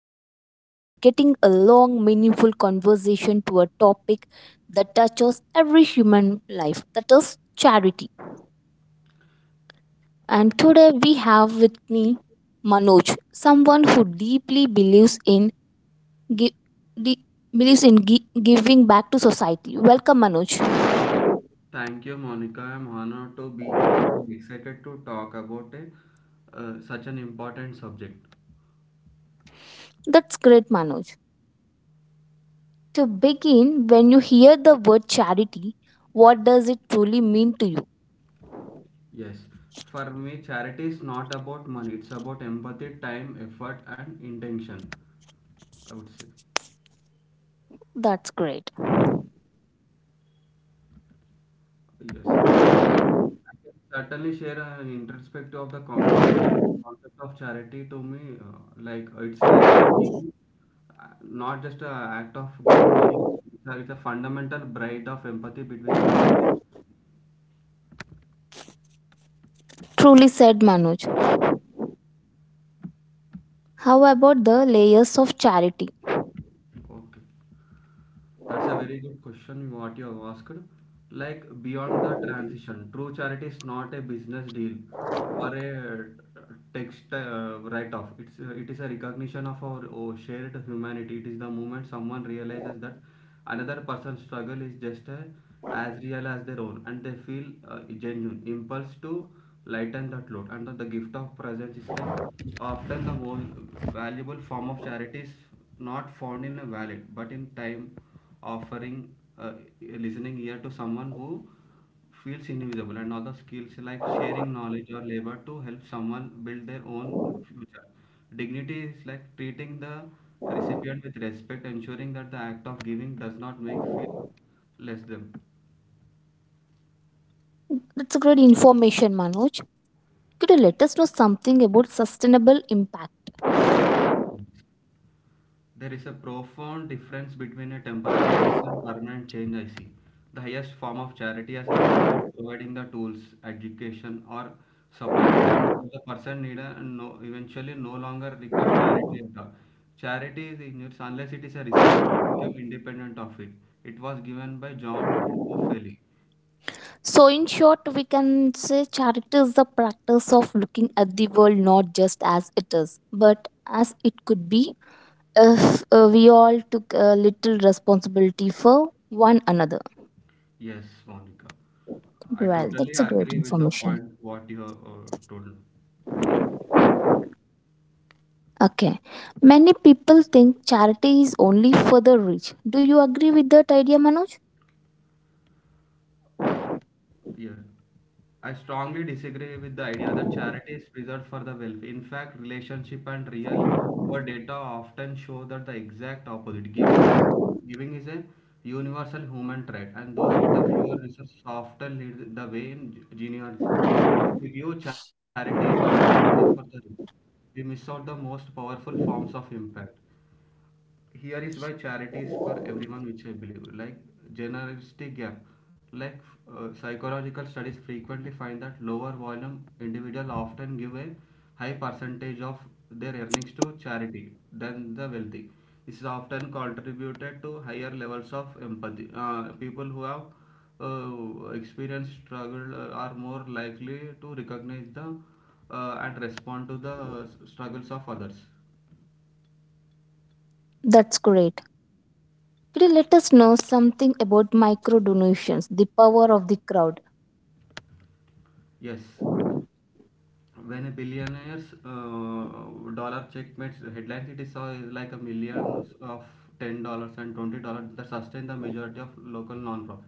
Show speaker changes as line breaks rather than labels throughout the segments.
today we are dedicating a long meaningful conversation to a topic that touches every human life, that is charity. And today we have with me Manoj, someone who deeply believes in gi- di- giving back to society. Welcome, Manoj.
Thank you, Monica. I'm honored to be here. I'm excited to talk about such an important subject.
That's great, Manoj. To begin, when you hear the word charity, what does it truly mean to you?
Yes, for me, charity is not about money. It's about empathy, time, effort, and intention. I would say
That's great.
yes. I can certainly share an introspective of the concept of charity to me. Like it's like a giving, not just an act of giving money. It's a fundamental bridge of empathy between the people.
Truly said, Manoj. How about the layers of charity?
Okay. That's a very good question what you have asked. Like beyond the transition, true charity is not a business deal or a text write-off. It is a recognition of our shared humanity. It is the moment someone realizes that another person's struggle is just a as real as their own and they feel genuine impulse to lighten that load, and the gift of presence is like often the most valuable form of charity is not found in a wallet but in time offering uh, a listening ear to someone who feels invisible, and other skills like sharing knowledge or labor to help someone build their own future. Dignity is like treating the recipient with respect, ensuring that the act of giving does not make feel less them.
That's a great information, Manoj. Could you let us know something about sustainable impact?
There is a profound difference between a temporary fix and permanent change, I see. The highest form of charity is empowerment, providing the tools, education, or support needed, so that the person no, eventually no longer requires charity at all. Charity is injurious unless it is a recipient to become independent of it. It was given by John Drucopelli.
So, in short, we can say charity is the practice of looking at the world not just as it is, but as it could be if we all took a little responsibility for one another.
Yes, Monica. I
Well,
totally
that's a great
agree with the
information.
point what you have told
Okay. Many people think charity is only for the rich. Do you agree with that idea, Manoj?
here. I strongly disagree with the idea that charity is reserved for the wealthy. In fact, relationship and real world data often show that the exact opposite. Giving is a universal human trait, and those with a fewer resources often lead the way in generosity. We view charity was only for the rich. We miss out the most powerful forms of impact. Here is why charity is for everyone, which I believe. Like generosity gap, like, psychological studies frequently find that lower volume individuals often give a high percentage of their earnings to charity than the wealthy. This is often contributed to higher levels of empathy. People who have experienced struggle are more likely to recognize the and respond to the struggles of others.
That's great. Could you let us know something about micro donations, the power of the crowd?
Yes, when a billionaire's dollar check makes headlines, it is saw like a million of $10 and $20 that sustain the majority of local non-profit.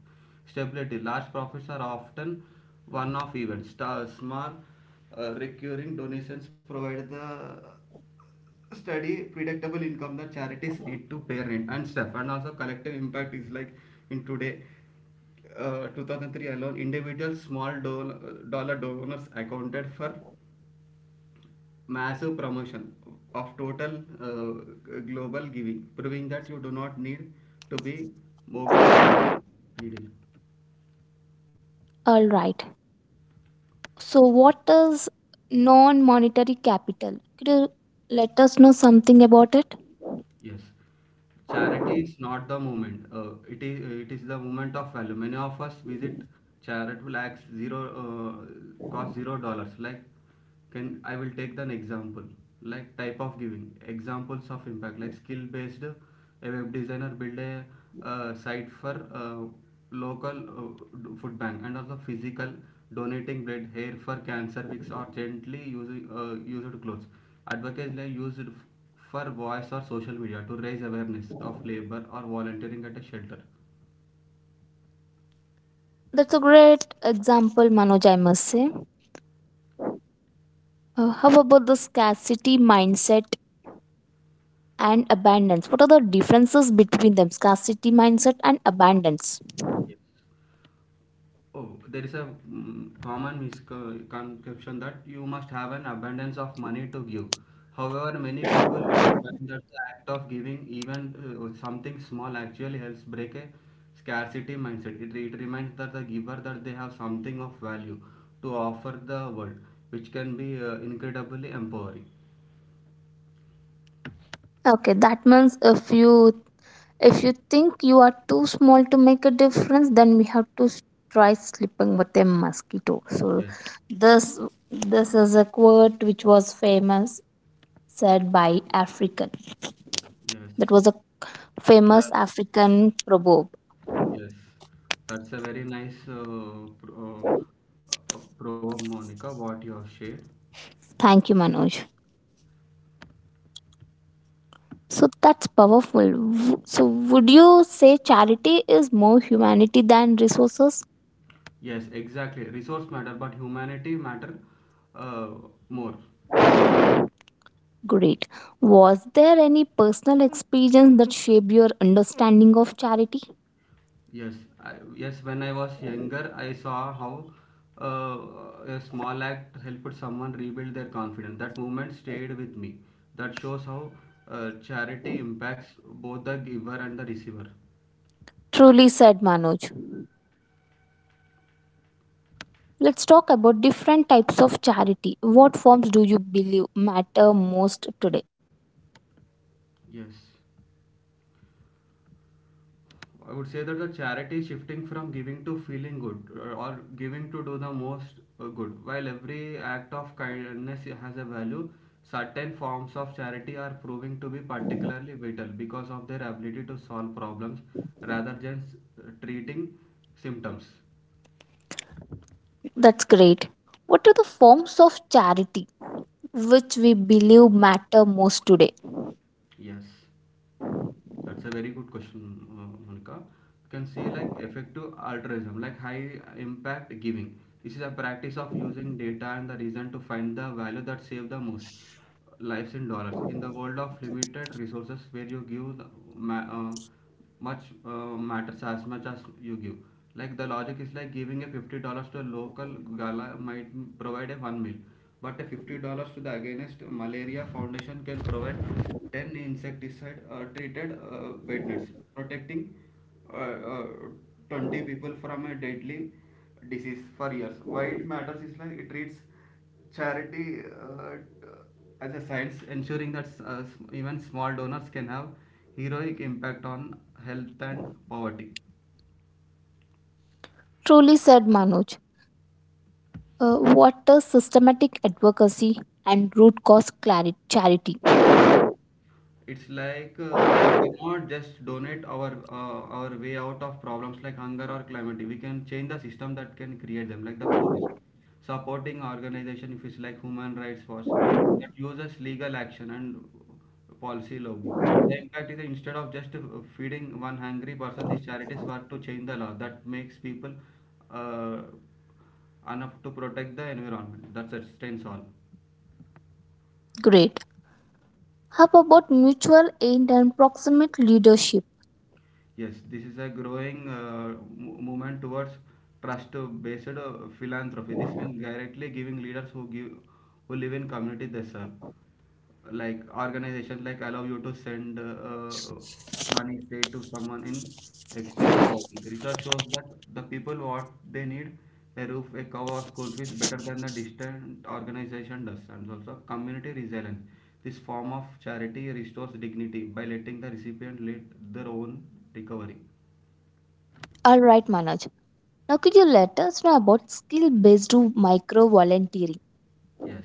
Stability. Large profits are often one-off events. Small recurring donations provide the steady, predictable income that charities need to pay rent and stuff. And also collective impact is like in today 2003 alone, individual small dollar donors accounted for massive promotion of total global giving, proving that you do not need to be mogul to be needed.
All right. So, what is non monetary capital? Could you let us know something about it?
Yes, charity is not the moment. It is the moment of value. Many of us visit charitable acts zero cost $0. Like, can I will take an example. Like type of giving examples of impact. Like skill based, a web designer build a site for local food bank, and also physical donating blood hair for cancer weeks or gently using used clothes. Advocates like used for voice or social media to raise awareness of labor or volunteering at a shelter.
That's a great example, Manoj, I must say. How about the scarcity mindset and abundance? What are the differences between them? Scarcity mindset and abundance.
Oh, there is a common misconception that you must have an abundance of money to give. However, many people find that the act of giving even something small actually helps break a scarcity mindset. It reminds that the giver that they have something of value to offer the world, which can be incredibly empowering.
Okay, that means if you think you are too small to make a difference, then we have to try sleeping with a mosquito. So,
Yes,
this is a quote which was famous, said by African.
yes.
That was a famous
That
African proverb.
yes, that's a very nice probe, Monica, what you have shared.
Thank you, Manoj. So that's powerful. So would you say charity is more humanity than resources?
Yes, exactly. Resource matter, but humanity matter uh, more.
Great. Was there any personal experience that shaped your understanding of charity?
Yes, yes. When I was younger, I saw how a small act helped someone rebuild their confidence. That moment stayed with me. That shows how charity impacts both the giver and the receiver.
Truly said, Manoj. Let's talk about different types of charity. What forms do you believe matter most today?
Yes. I would say that the charity is shifting from giving to feeling good or giving to do the most good. While every act of kindness has a value, certain forms of charity are proving to be particularly vital because of their ability to solve problems rather than treating symptoms.
That's great. What are the forms of charity which we believe matter most today?
Yes. That's a very good question, Monica. You can see like effective altruism, like high impact giving. This is a practice of using data and the reason to find the value that save the most lives in dollars. In the world of limited resources, where you give the, ma- uh, much matters as much as you give. Like the logic is like, giving a $50 to a local gala might provide a one meal, but a $50 to the against malaria foundation can provide 10 insecticide treated bed nets, protecting 20 people from a deadly disease for years. Why it matters is like it treats charity, uh, t- as a science, ensuring that even small donors can have heroic impact on health and poverty.
Truly said, Manoj. What is systematic advocacy and root cause clarity, charity?
It's like, we cannot just donate our way out of problems like hunger or climate. We can change the system that can create them, like the focus. Supporting organization, if it's like Human Rights Watch, that uses legal action and policy lobby. The impact is that, instead of just feeding one hungry person, these charities work to change the law that makes people uh, enough to protect the environment that sustains all.
Great. How about mutual aid and proximate leadership?
Yes, this is a growing movement towards trust-based philanthropy. This means directly giving leaders who give, who live in community they serve, like organizations like allow you to send money straight to someone in extreme poverty. Research shows that the people what they need, a roof, a cover, or school fees better than the distant organization does. And also community resilience, this form of charity restores dignity by letting the recipient lead their own recovery.
All right, Manoj. Now, could you let us know about skill based micro volunteering?
Yes,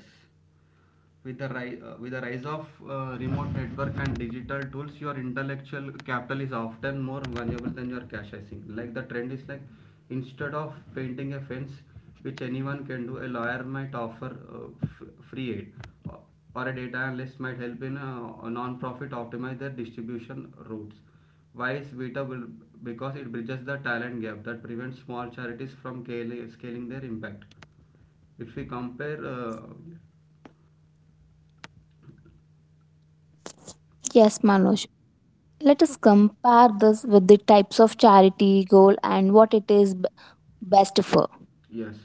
with the, with the rise of remote network and digital tools, your intellectual capital is often more valuable than your cash, I think. Like the trend is like, instead of painting a fence, which anyone can do, a lawyer might offer free aid, or a data analyst might help in a non-profit optimize their distribution routes. Why is Vita will, because it bridges the talent gap that prevents small charities from scaling their impact. If we compare,
Yes, Manoj. Let us compare this with the types of charity, goal, and what it is best for.
yes.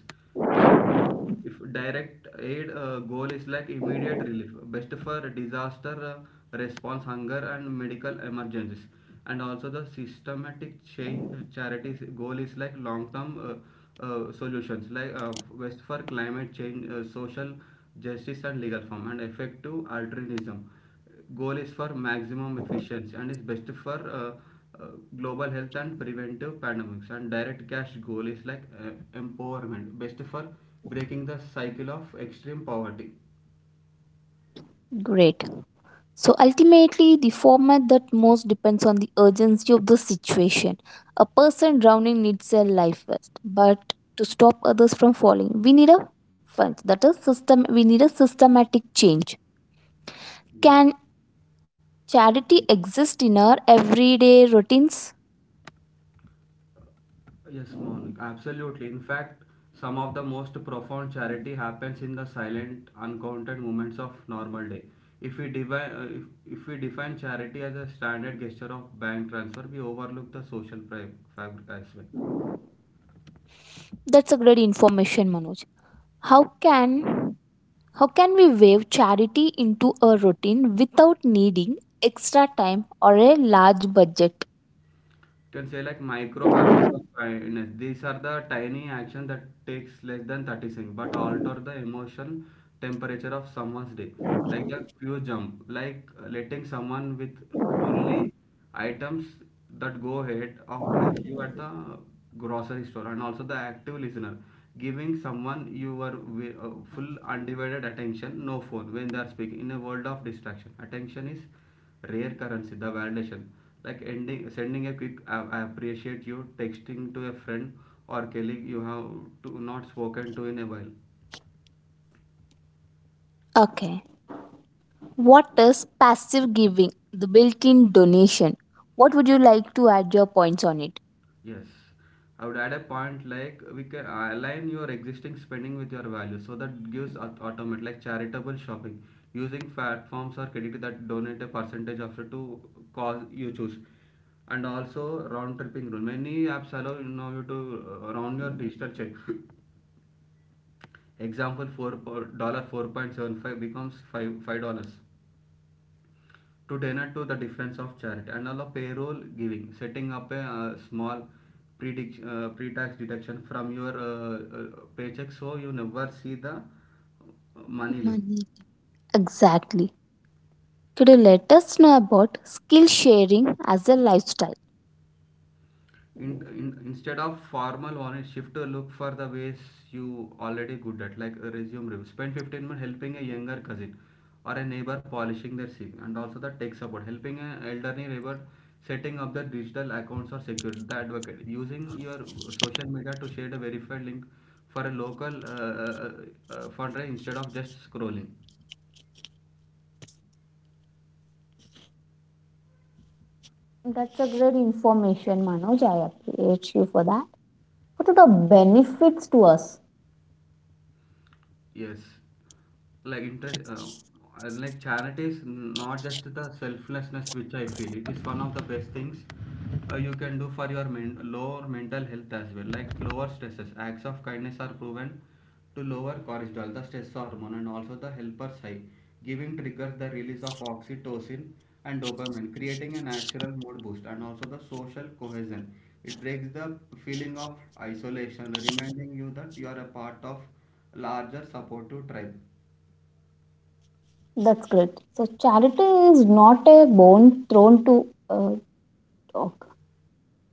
If direct aid, goal is like immediate relief, best for disaster response, hunger, and medical emergencies. And also the systematic change charities, goal is like long term solutions like, best for climate change, social justice, and legal form. And effective altruism, goal is for maximum efficiency and is best for uh, global health and preventive pandemics. And direct cash, goal is like empowerment, best for breaking the cycle of extreme poverty.
Great. So ultimately, the format that most depends on the urgency of the situation. A person drowning needs a life vest, but to stop others from falling, we need a fund. That is system. We need a systematic change.
Yes.
Can charity exist in our everyday routines?
Yes, Monik, absolutely. In fact, some of the most profound charity happens in the silent uncounted moments of normal day. If we define, if we define charity as a standard gesture of bank transfer, we overlook the social fabric as well.
That's a great information, Manoj. How can how can we wave charity into a routine without needing extra time or a large budget?
Can say like micro habits of kindness. These are the tiny action that takes less than 30 seconds but alter the emotion temperature of someone's day. Like the few jump, like, letting someone with only items that go ahead of you at the grocery store. And also the active listener, giving someone your full undivided attention, no phone, when they are speaking. In a world of distraction, attention is rare currency. The validation, like sending a quick "I appreciate you" texting to a friend or colleague you have to not spoken to in a while.
Okay. What is passive giving? The built in donation. What would you like to add your points on it?
Yes, I would add a point like, we can align your existing spending with your value, so that gives automate like charitable shopping using platforms or credit that donate a percentage of it to cause you choose. And also round tripping rule, many apps allow you know you to round your digital check. Example four 4.4 point 75 becomes five five dollars, to donate to the difference of charity. And allow payroll giving, setting up a small pre-tax deduction from your paycheck, so you never see the money leave.
Money. Exactly. Could you let us know about skill sharing as a lifestyle?
Instead of formal one shift to look for the ways you already good at, like resume review, spend 15 minutes helping a younger cousin or a neighbor polishing their CV, and also the tech support helping an elderly neighbor setting up their digital accounts or security, the advocate using your social media to share a verified link for a local fundraiser instead of just scrolling.
That's a great information, Manoj. I appreciate you for that. What are the benefits to us?
Yes, like interest, and like charity is not just the selflessness, which I feel. It is one of the best things you can do for your lower mental health as well. Like lower stresses, acts of kindness are proven to lower cortisol, the stress hormone, and also the helper's high. Giving triggers the release of oxytocin and dopamine, creating a natural mood boost, and also the social cohesion. It breaks the feeling of isolation, reminding you that you are a part of larger supportive tribe.
That's great. So, charity is not a bone thrown to uh,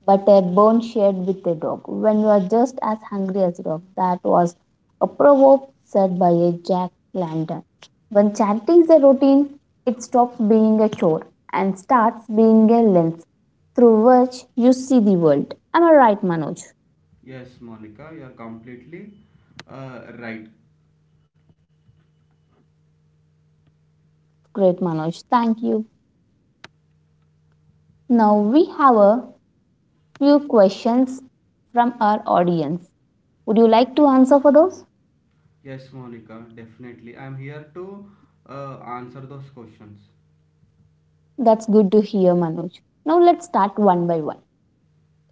but a bone shared with a dog when you are just as hungry as a dog. That was a proverb said by a Jack London. When charity is a routine, it stops being a chore and starts being a lens through which you see the world. Am I right, Manoj?
Yes, Monica, you are completely right.
Great, Manoj. Thank you. Now we have a few questions from our audience. Would you like to answer for those?
Yes, Monica, definitely. I'm here to answer those questions.
That's good to hear, Manoj. Now let's start one by one.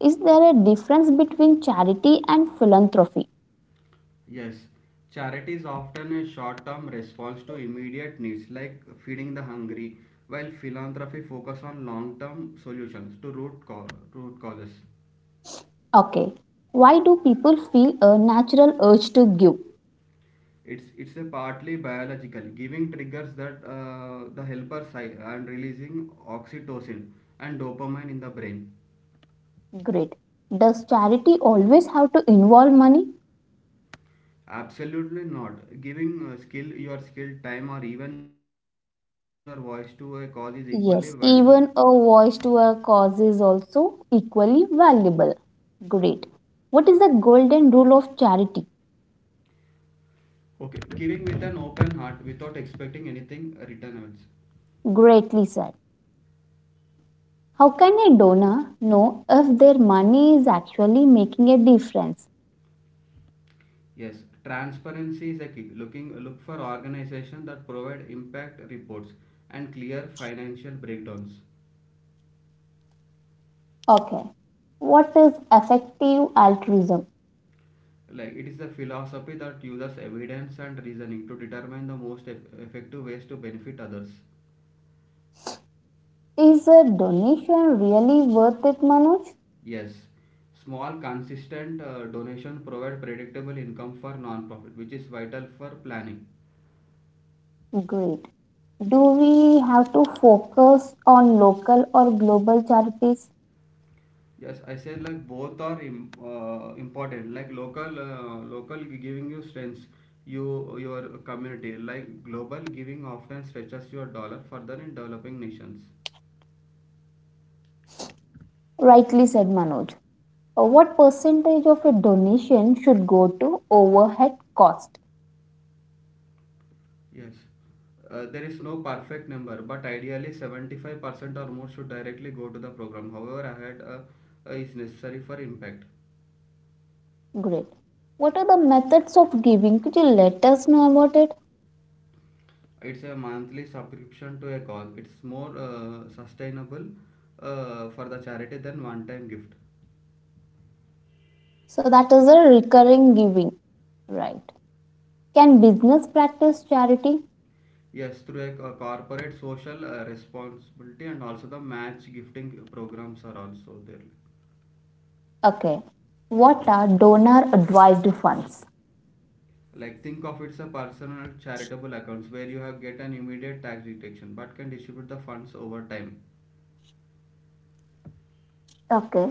Is there a difference between charity and philanthropy?
Yes, charity is often a short term response to immediate needs like feeding the hungry, while philanthropy focuses on long term solutions to root causes.
Okay. Why do people feel a natural urge to give?
It's a partly biological. Giving triggers that, the helper side, and releasing oxytocin and dopamine in the brain.
Great. Does charity always have to involve money?
Absolutely not. Giving skill, your skill, time, or even your voice to a cause is equally valuable.
Yes. Even a voice to a cause is also equally valuable. Great. What is the golden rule of charity?
Okay, giving with an open heart without expecting anything return else.
Greatly said. How can a donor know if their money is actually making a difference?
Yes, transparency is a key. Look for organizations that provide impact reports and clear financial breakdowns.
Okay. What is effective altruism?
Like it is a philosophy that uses evidence and reasoning to determine the most effective ways to benefit others.
Is a donation really worth it, Manoj?
Yes, small consistent donation provide predictable income for non-profit, which is vital for planning.
Great. Do we have to focus on local or global charities?
Yes, I said like both are important. Like local, local giving you strengths, you your community. Like global giving often stretches your dollar further in developing nations.
Rightly said, Manoj. What percentage of a donation should go to overhead cost?
Yes. There is no perfect number, but ideally 75% or more should directly go to the program. However, ahead is necessary for impact.
Great. What are the methods of giving? Could you let us know about it?
It's a monthly subscription to a cause. It's more sustainable for the charity than one time gift.
So, that is a recurring giving, right? Can business practice charity?
Yes, through a corporate social responsibility, and also the match gifting programs are also there.
Okay. What are donor advised funds?
Like think of it's a personal charitable accounts where you have get an immediate tax deduction but can distribute the funds over time.
Okay.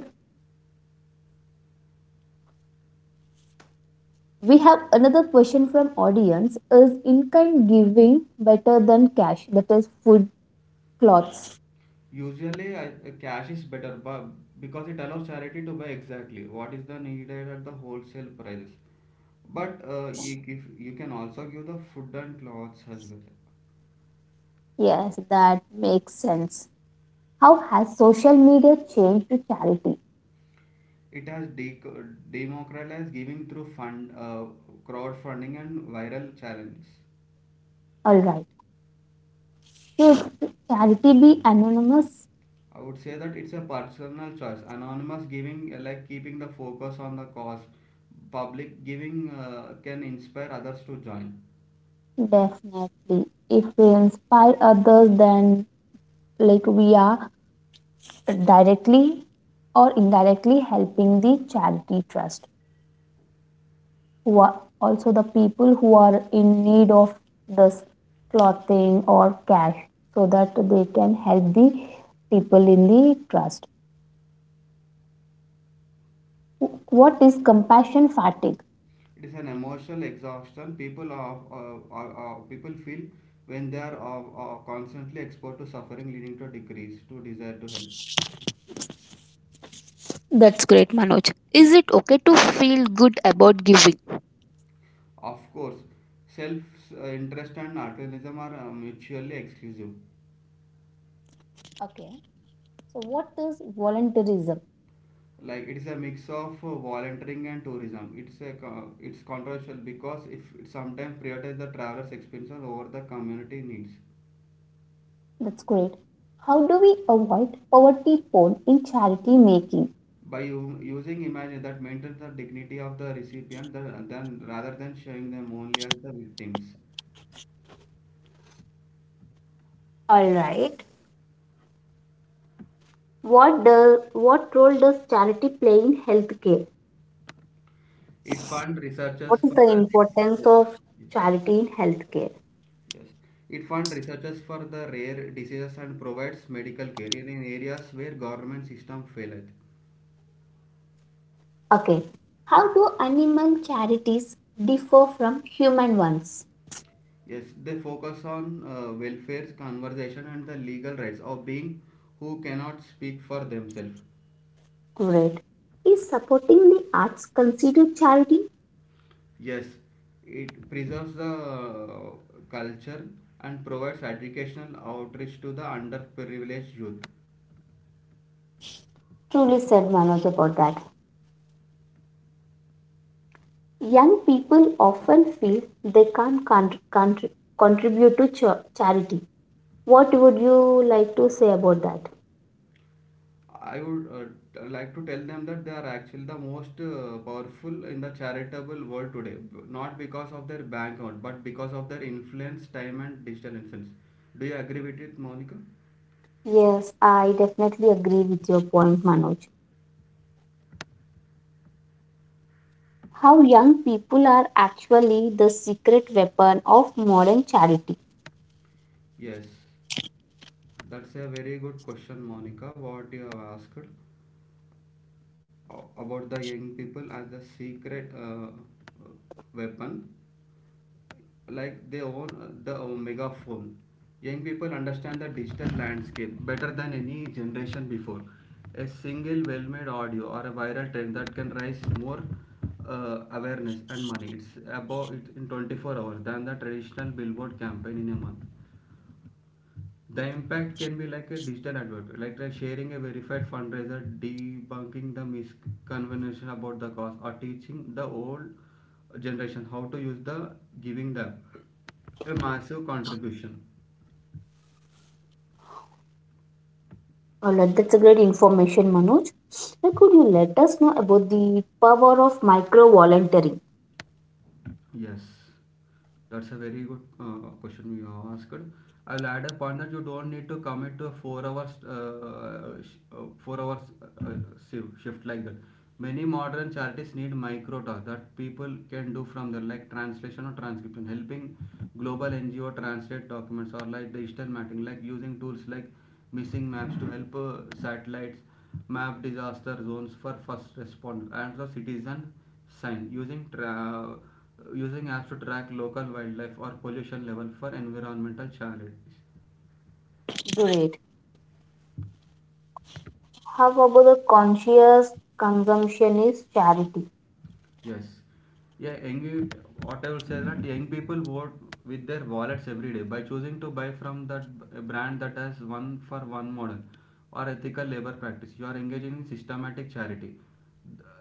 We have another question from audience. Is in-kind giving better than cash? That is food, clothes.
Usually cash is better, but because it allows charity to buy exactly what is the needed at the wholesale prices. But you, give, you can also give the food and clothes as well.
Yes, that makes sense. How has social media changed to charity?
It has democratized giving through crowdfunding and viral challenges.
All right. Should charity be anonymous?
I would say that it's a personal choice. Anonymous giving, like keeping the focus on the cause. Public giving can inspire others to join.
Definitely. If we inspire others, then like we are directly or indirectly helping the charity trust, who are also the people who are in need of this clothing or cash, so that they can help the people in the trust. What is compassion fatigue?
It is an emotional exhaustion people are, people feel when they are constantly exposed to suffering, leading to a decrease to desire to help.
That's great, Manoj. Is it okay to feel good about giving?
Of course, self interest and altruism are mutually exclusive.
Okay, so what is volunteerism?
Like it is a mix of volunteering and tourism. It's controversial because if it sometimes prioritizes the traveler's experiences over the community needs.
That's great. How do we avoid poverty porn in charity making?
By using images that maintains the dignity of the recipient, the, then rather than showing them only as the victims.
All right. What role does charity play in healthcare?
It funds researchers
What is
for
the
their
importance
decisions.
of
Yes.
charity in healthcare?
Yes. It funds researchers for the rare diseases and provides medical care in areas where government system faileth.
Okay. How do animal charities differ from human ones?
Yes, they focus on welfare conversation and the legal rights of being who cannot speak for themselves.
Great. Is supporting the arts considered charity?
Yes, it preserves the culture and provides educational outreach to the underprivileged youth.
Truly said, Manoj, about that. Young people often feel they can't contribute to charity. What would you like to say about that?
I would like to tell them that they are actually the most powerful in the charitable world today, not because of their bank account, but because of their influence, time, and digital influence. Do you agree with it, Monica?
Yes, I definitely agree with your point, Manoj. How young people are actually the secret weapon of modern charity.
Yes, that's a very good question, Monica. What you have asked about the young people as the secret weapon, like they own the omega phone. Young people understand the digital landscape better than any generation before. A single well made audio or a viral trend that can raise more awareness and money. It's about it in 24 hours than the traditional billboard campaign in a month. The impact can be like a digital advert, like sharing a verified fundraiser, debunking the misconvention about the cause, or teaching the old generation how to use the giving them a massive contribution.
All right, that's a great information, Manoj. Now, could you let us know about the power of micro volunteering?
Yes, that's a very good question you have asked. I'll add a point that you don't need to commit to a 4 hours 4 hours uh, uh, shift like that. Many modern charities need micro tasks that people can do from their like translation or transcription, helping global NGO translate documents, or like digital mapping, like using tools like missing maps to help satellites map disaster zones for first responders and the citizen sign using apps to track local wildlife or pollution level for environmental charities.
Great. How about the conscious consumptionist charity?
Yes. Yeah, what I will say is that young people vote with their wallets every day by choosing to buy from that brand that has one for one model or ethical labor practice. You are engaging in systematic charity.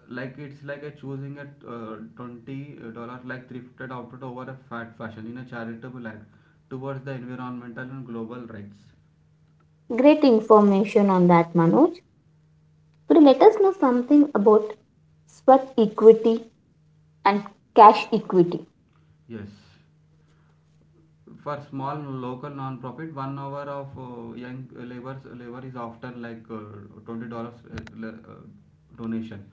Like it's like a choosing a $20 like thrifted outfit over a fat fashion in a charitable act towards the environmental and global rights.
Great information on that, Manoj. Could you let us know something about sweat equity and cash equity?
Yes. For small local non-profit, 1 hour of young labor is often like $20 uh, donation.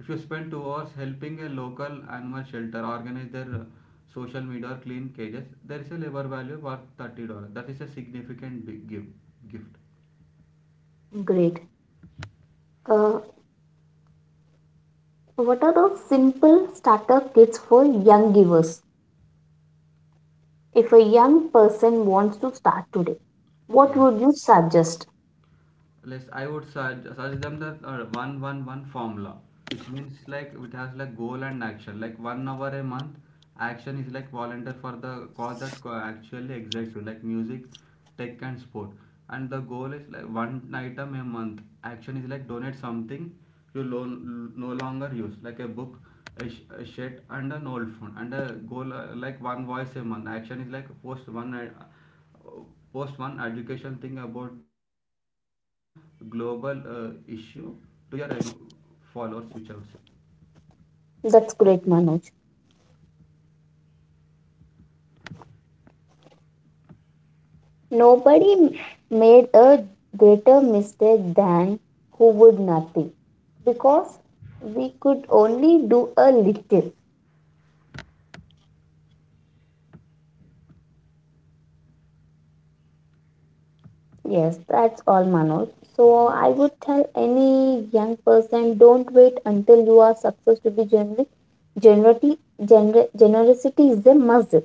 If you spend 2 hours helping a local animal shelter organize their social media or clean cages, there is a labor value worth $30. That is a significant big gift.
Great. Uh, what are those simple starter kits for young givers? If a young person wants to start today, what
Yes,
would you suggest?
let's, I would suggest them that one one one formula, which means like it has like goal and action. Like 1 hour a month, action is like volunteer for the cause that actually excites you, like music, tech and sport. And the goal is like one item a month. Action is like donate something you no longer use, like a book, a shirt, and an old phone. And a goal, like one voice a month. Action is like post one education thing about the global issue to your followers, which I would say.
That's great, Manoj. Nobody made a greater mistake than who would nothing because we could only do a little. Yes, that's all, Manoj. So I would tell any young person, don't wait until you are success to be generosity is a muscle.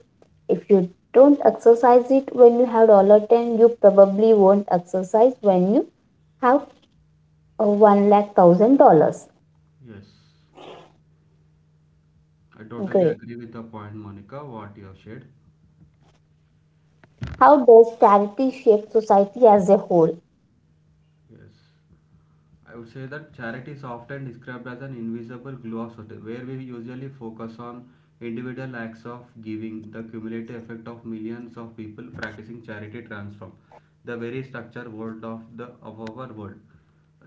If you don't exercise it when you have $10, you probably won't exercise when you have one lakh thousand dollars.
Yes. I totally
Great.
agree with the point, Monica, what you have shared.
How does charity shape society as a whole?
Yes. I would say that charity is often described as an invisible glue of society, where we usually focus on individual acts of giving, the cumulative effect of millions of people practicing charity transform the very structure world of the of our world.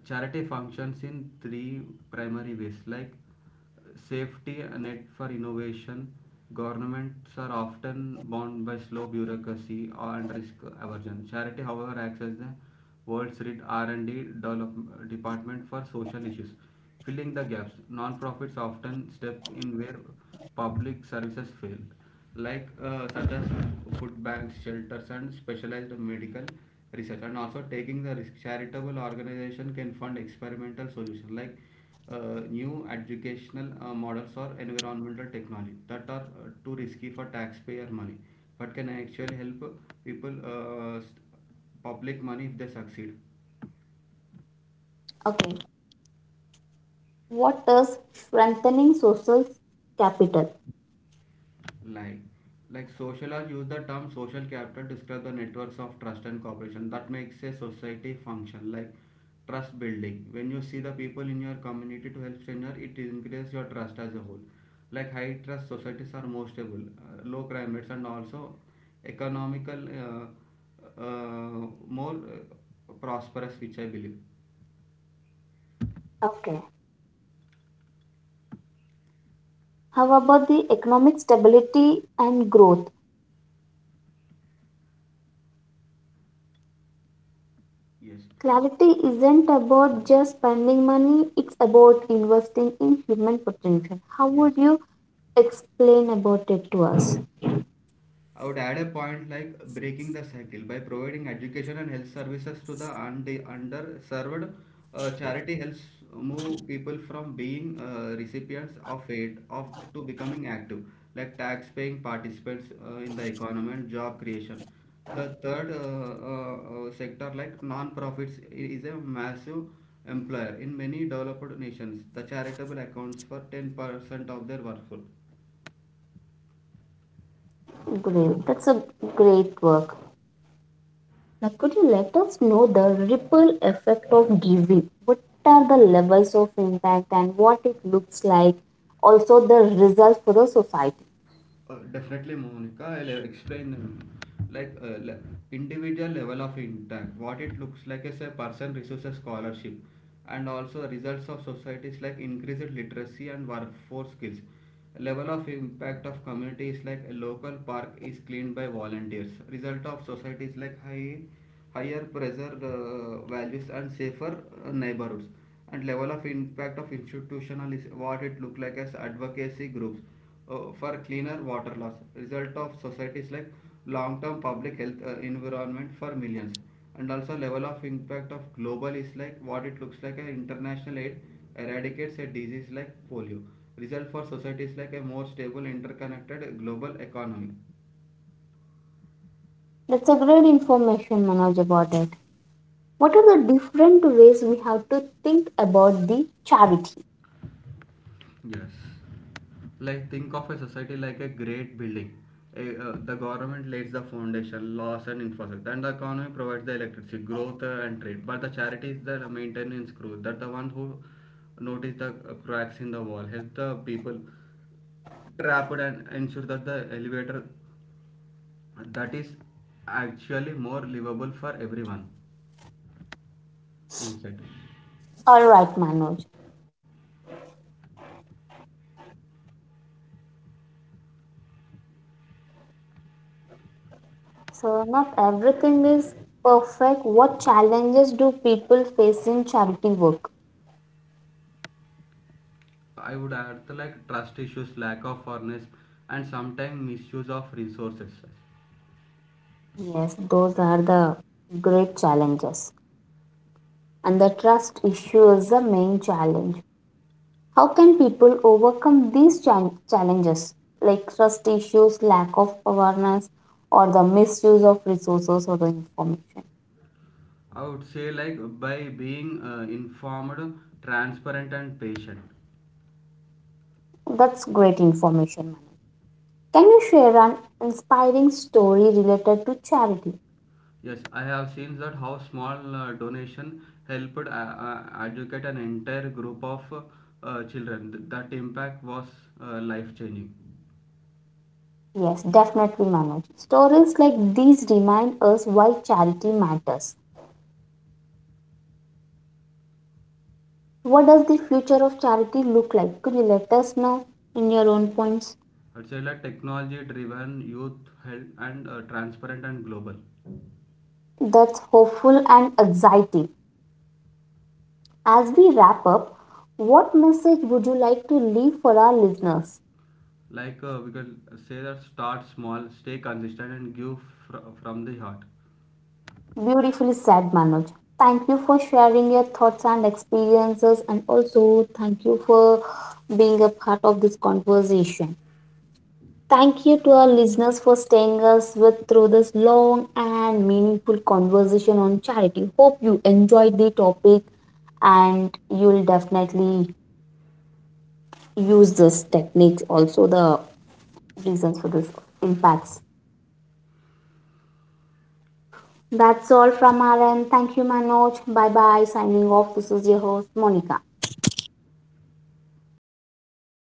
Charity functions in three primary ways, like safety net for innovation. Governments are often bound by slow bureaucracy and risk aversion. Charity, however, acts as the world's rich R&D department for social issues, filling the gaps. Nonprofits often step in where public services fail, like such as food banks, shelters, and specialized medical research. And also taking the risk, charitable organization can fund experimental solutions like new educational models or environmental technology that are too risky for taxpayer money but can actually help people public money if they succeed.
Okay. What does strengthening social capital?
Like like socialize use the term social capital to describe the networks of trust and cooperation that makes a society function, like trust building. When you see the people in your community to help stranger, it increases your trust as a whole. Like high trust societies are more stable, low crime rates, and also economical, more prosperous, which I believe.
Okay. How about the economic stability and growth?
Yes.
Clarity isn't about just spending money, it's about investing in human potential. How would
Yes.
you explain about it to us?
I would add a point like breaking the cycle by providing education and health services to the underserved. Charity helps move people from being recipients of aid of to becoming active, like tax-paying participants in the economy and job creation. The third sector, like non-profits, is a massive employer in many developed nations. The charitable accounts for 10% of their workforce.
Great, that's a great work. Now, could you let us know the ripple effect of giving? What are the levels of impact and what it looks like? Also, the results for the society.
Definitely, Monica. I'll explain them. Like individual level of impact, what it looks like is a person receives a scholarship, and also the results of societies like increased literacy and workforce skills. Level of impact of community is like a local park is cleaned by volunteers. Result of society is like higher pressure values and safer neighborhoods. And level of impact of institutional is what it look like as advocacy groups for cleaner water loss. Result of societies like long term public health environment for millions. And also level of impact of global is like what it looks like a international aid eradicates a disease like polio. Result for societies like a more stable interconnected global economy.
That's a great information, Manoj, about it. What are the different ways we have to think about the charity?
Yes, like think of a society like a great building. The government lays the foundation laws and infrastructure, and the economy provides the electricity growth and trade, but the charity is the maintenance crew, that the one who notice the cracks in the wall, help the people trapped, and ensure that the elevator that is actually more livable for everyone inside.
All right, Manoj. So not everything is perfect. What challenges do people face in charity work?
I would add the, like trust issues, lack of fairness, and sometimes misuse of resources.
Yes, those are the great challenges. And the trust issue is the main challenge. How can people overcome these challenges like trust issues, lack of awareness, or the misuse of resources or the information?
I would say like by being informed, transparent, and patient.
That's great information. Can you share an inspiring story related to charity?
Yes, I have seen that how small donation helped educate an entire group of children. That impact was life changing.
Yes, definitely, Manoj. Stories like these remind us why charity matters. What does the future of charity look like? Could you let us know in your own points?
I'd say like technology driven, youth held, and transparent and global.
That's hopeful and exciting. As we wrap up, what message would you like to leave for our listeners?
Like we can say that start small, stay consistent, and give from the heart.
Beautifully said, Manoj. Thank you for sharing your thoughts and experiences, and also thank you for being a part of this conversation. Thank you to our listeners for staying us with through this long and meaningful conversation on charity. Hope you enjoyed the topic and you'll definitely use this techniques also the reasons for this impacts. That's all from our end. Thank you, Manoj. Bye bye. Signing off. This is your host, Monica.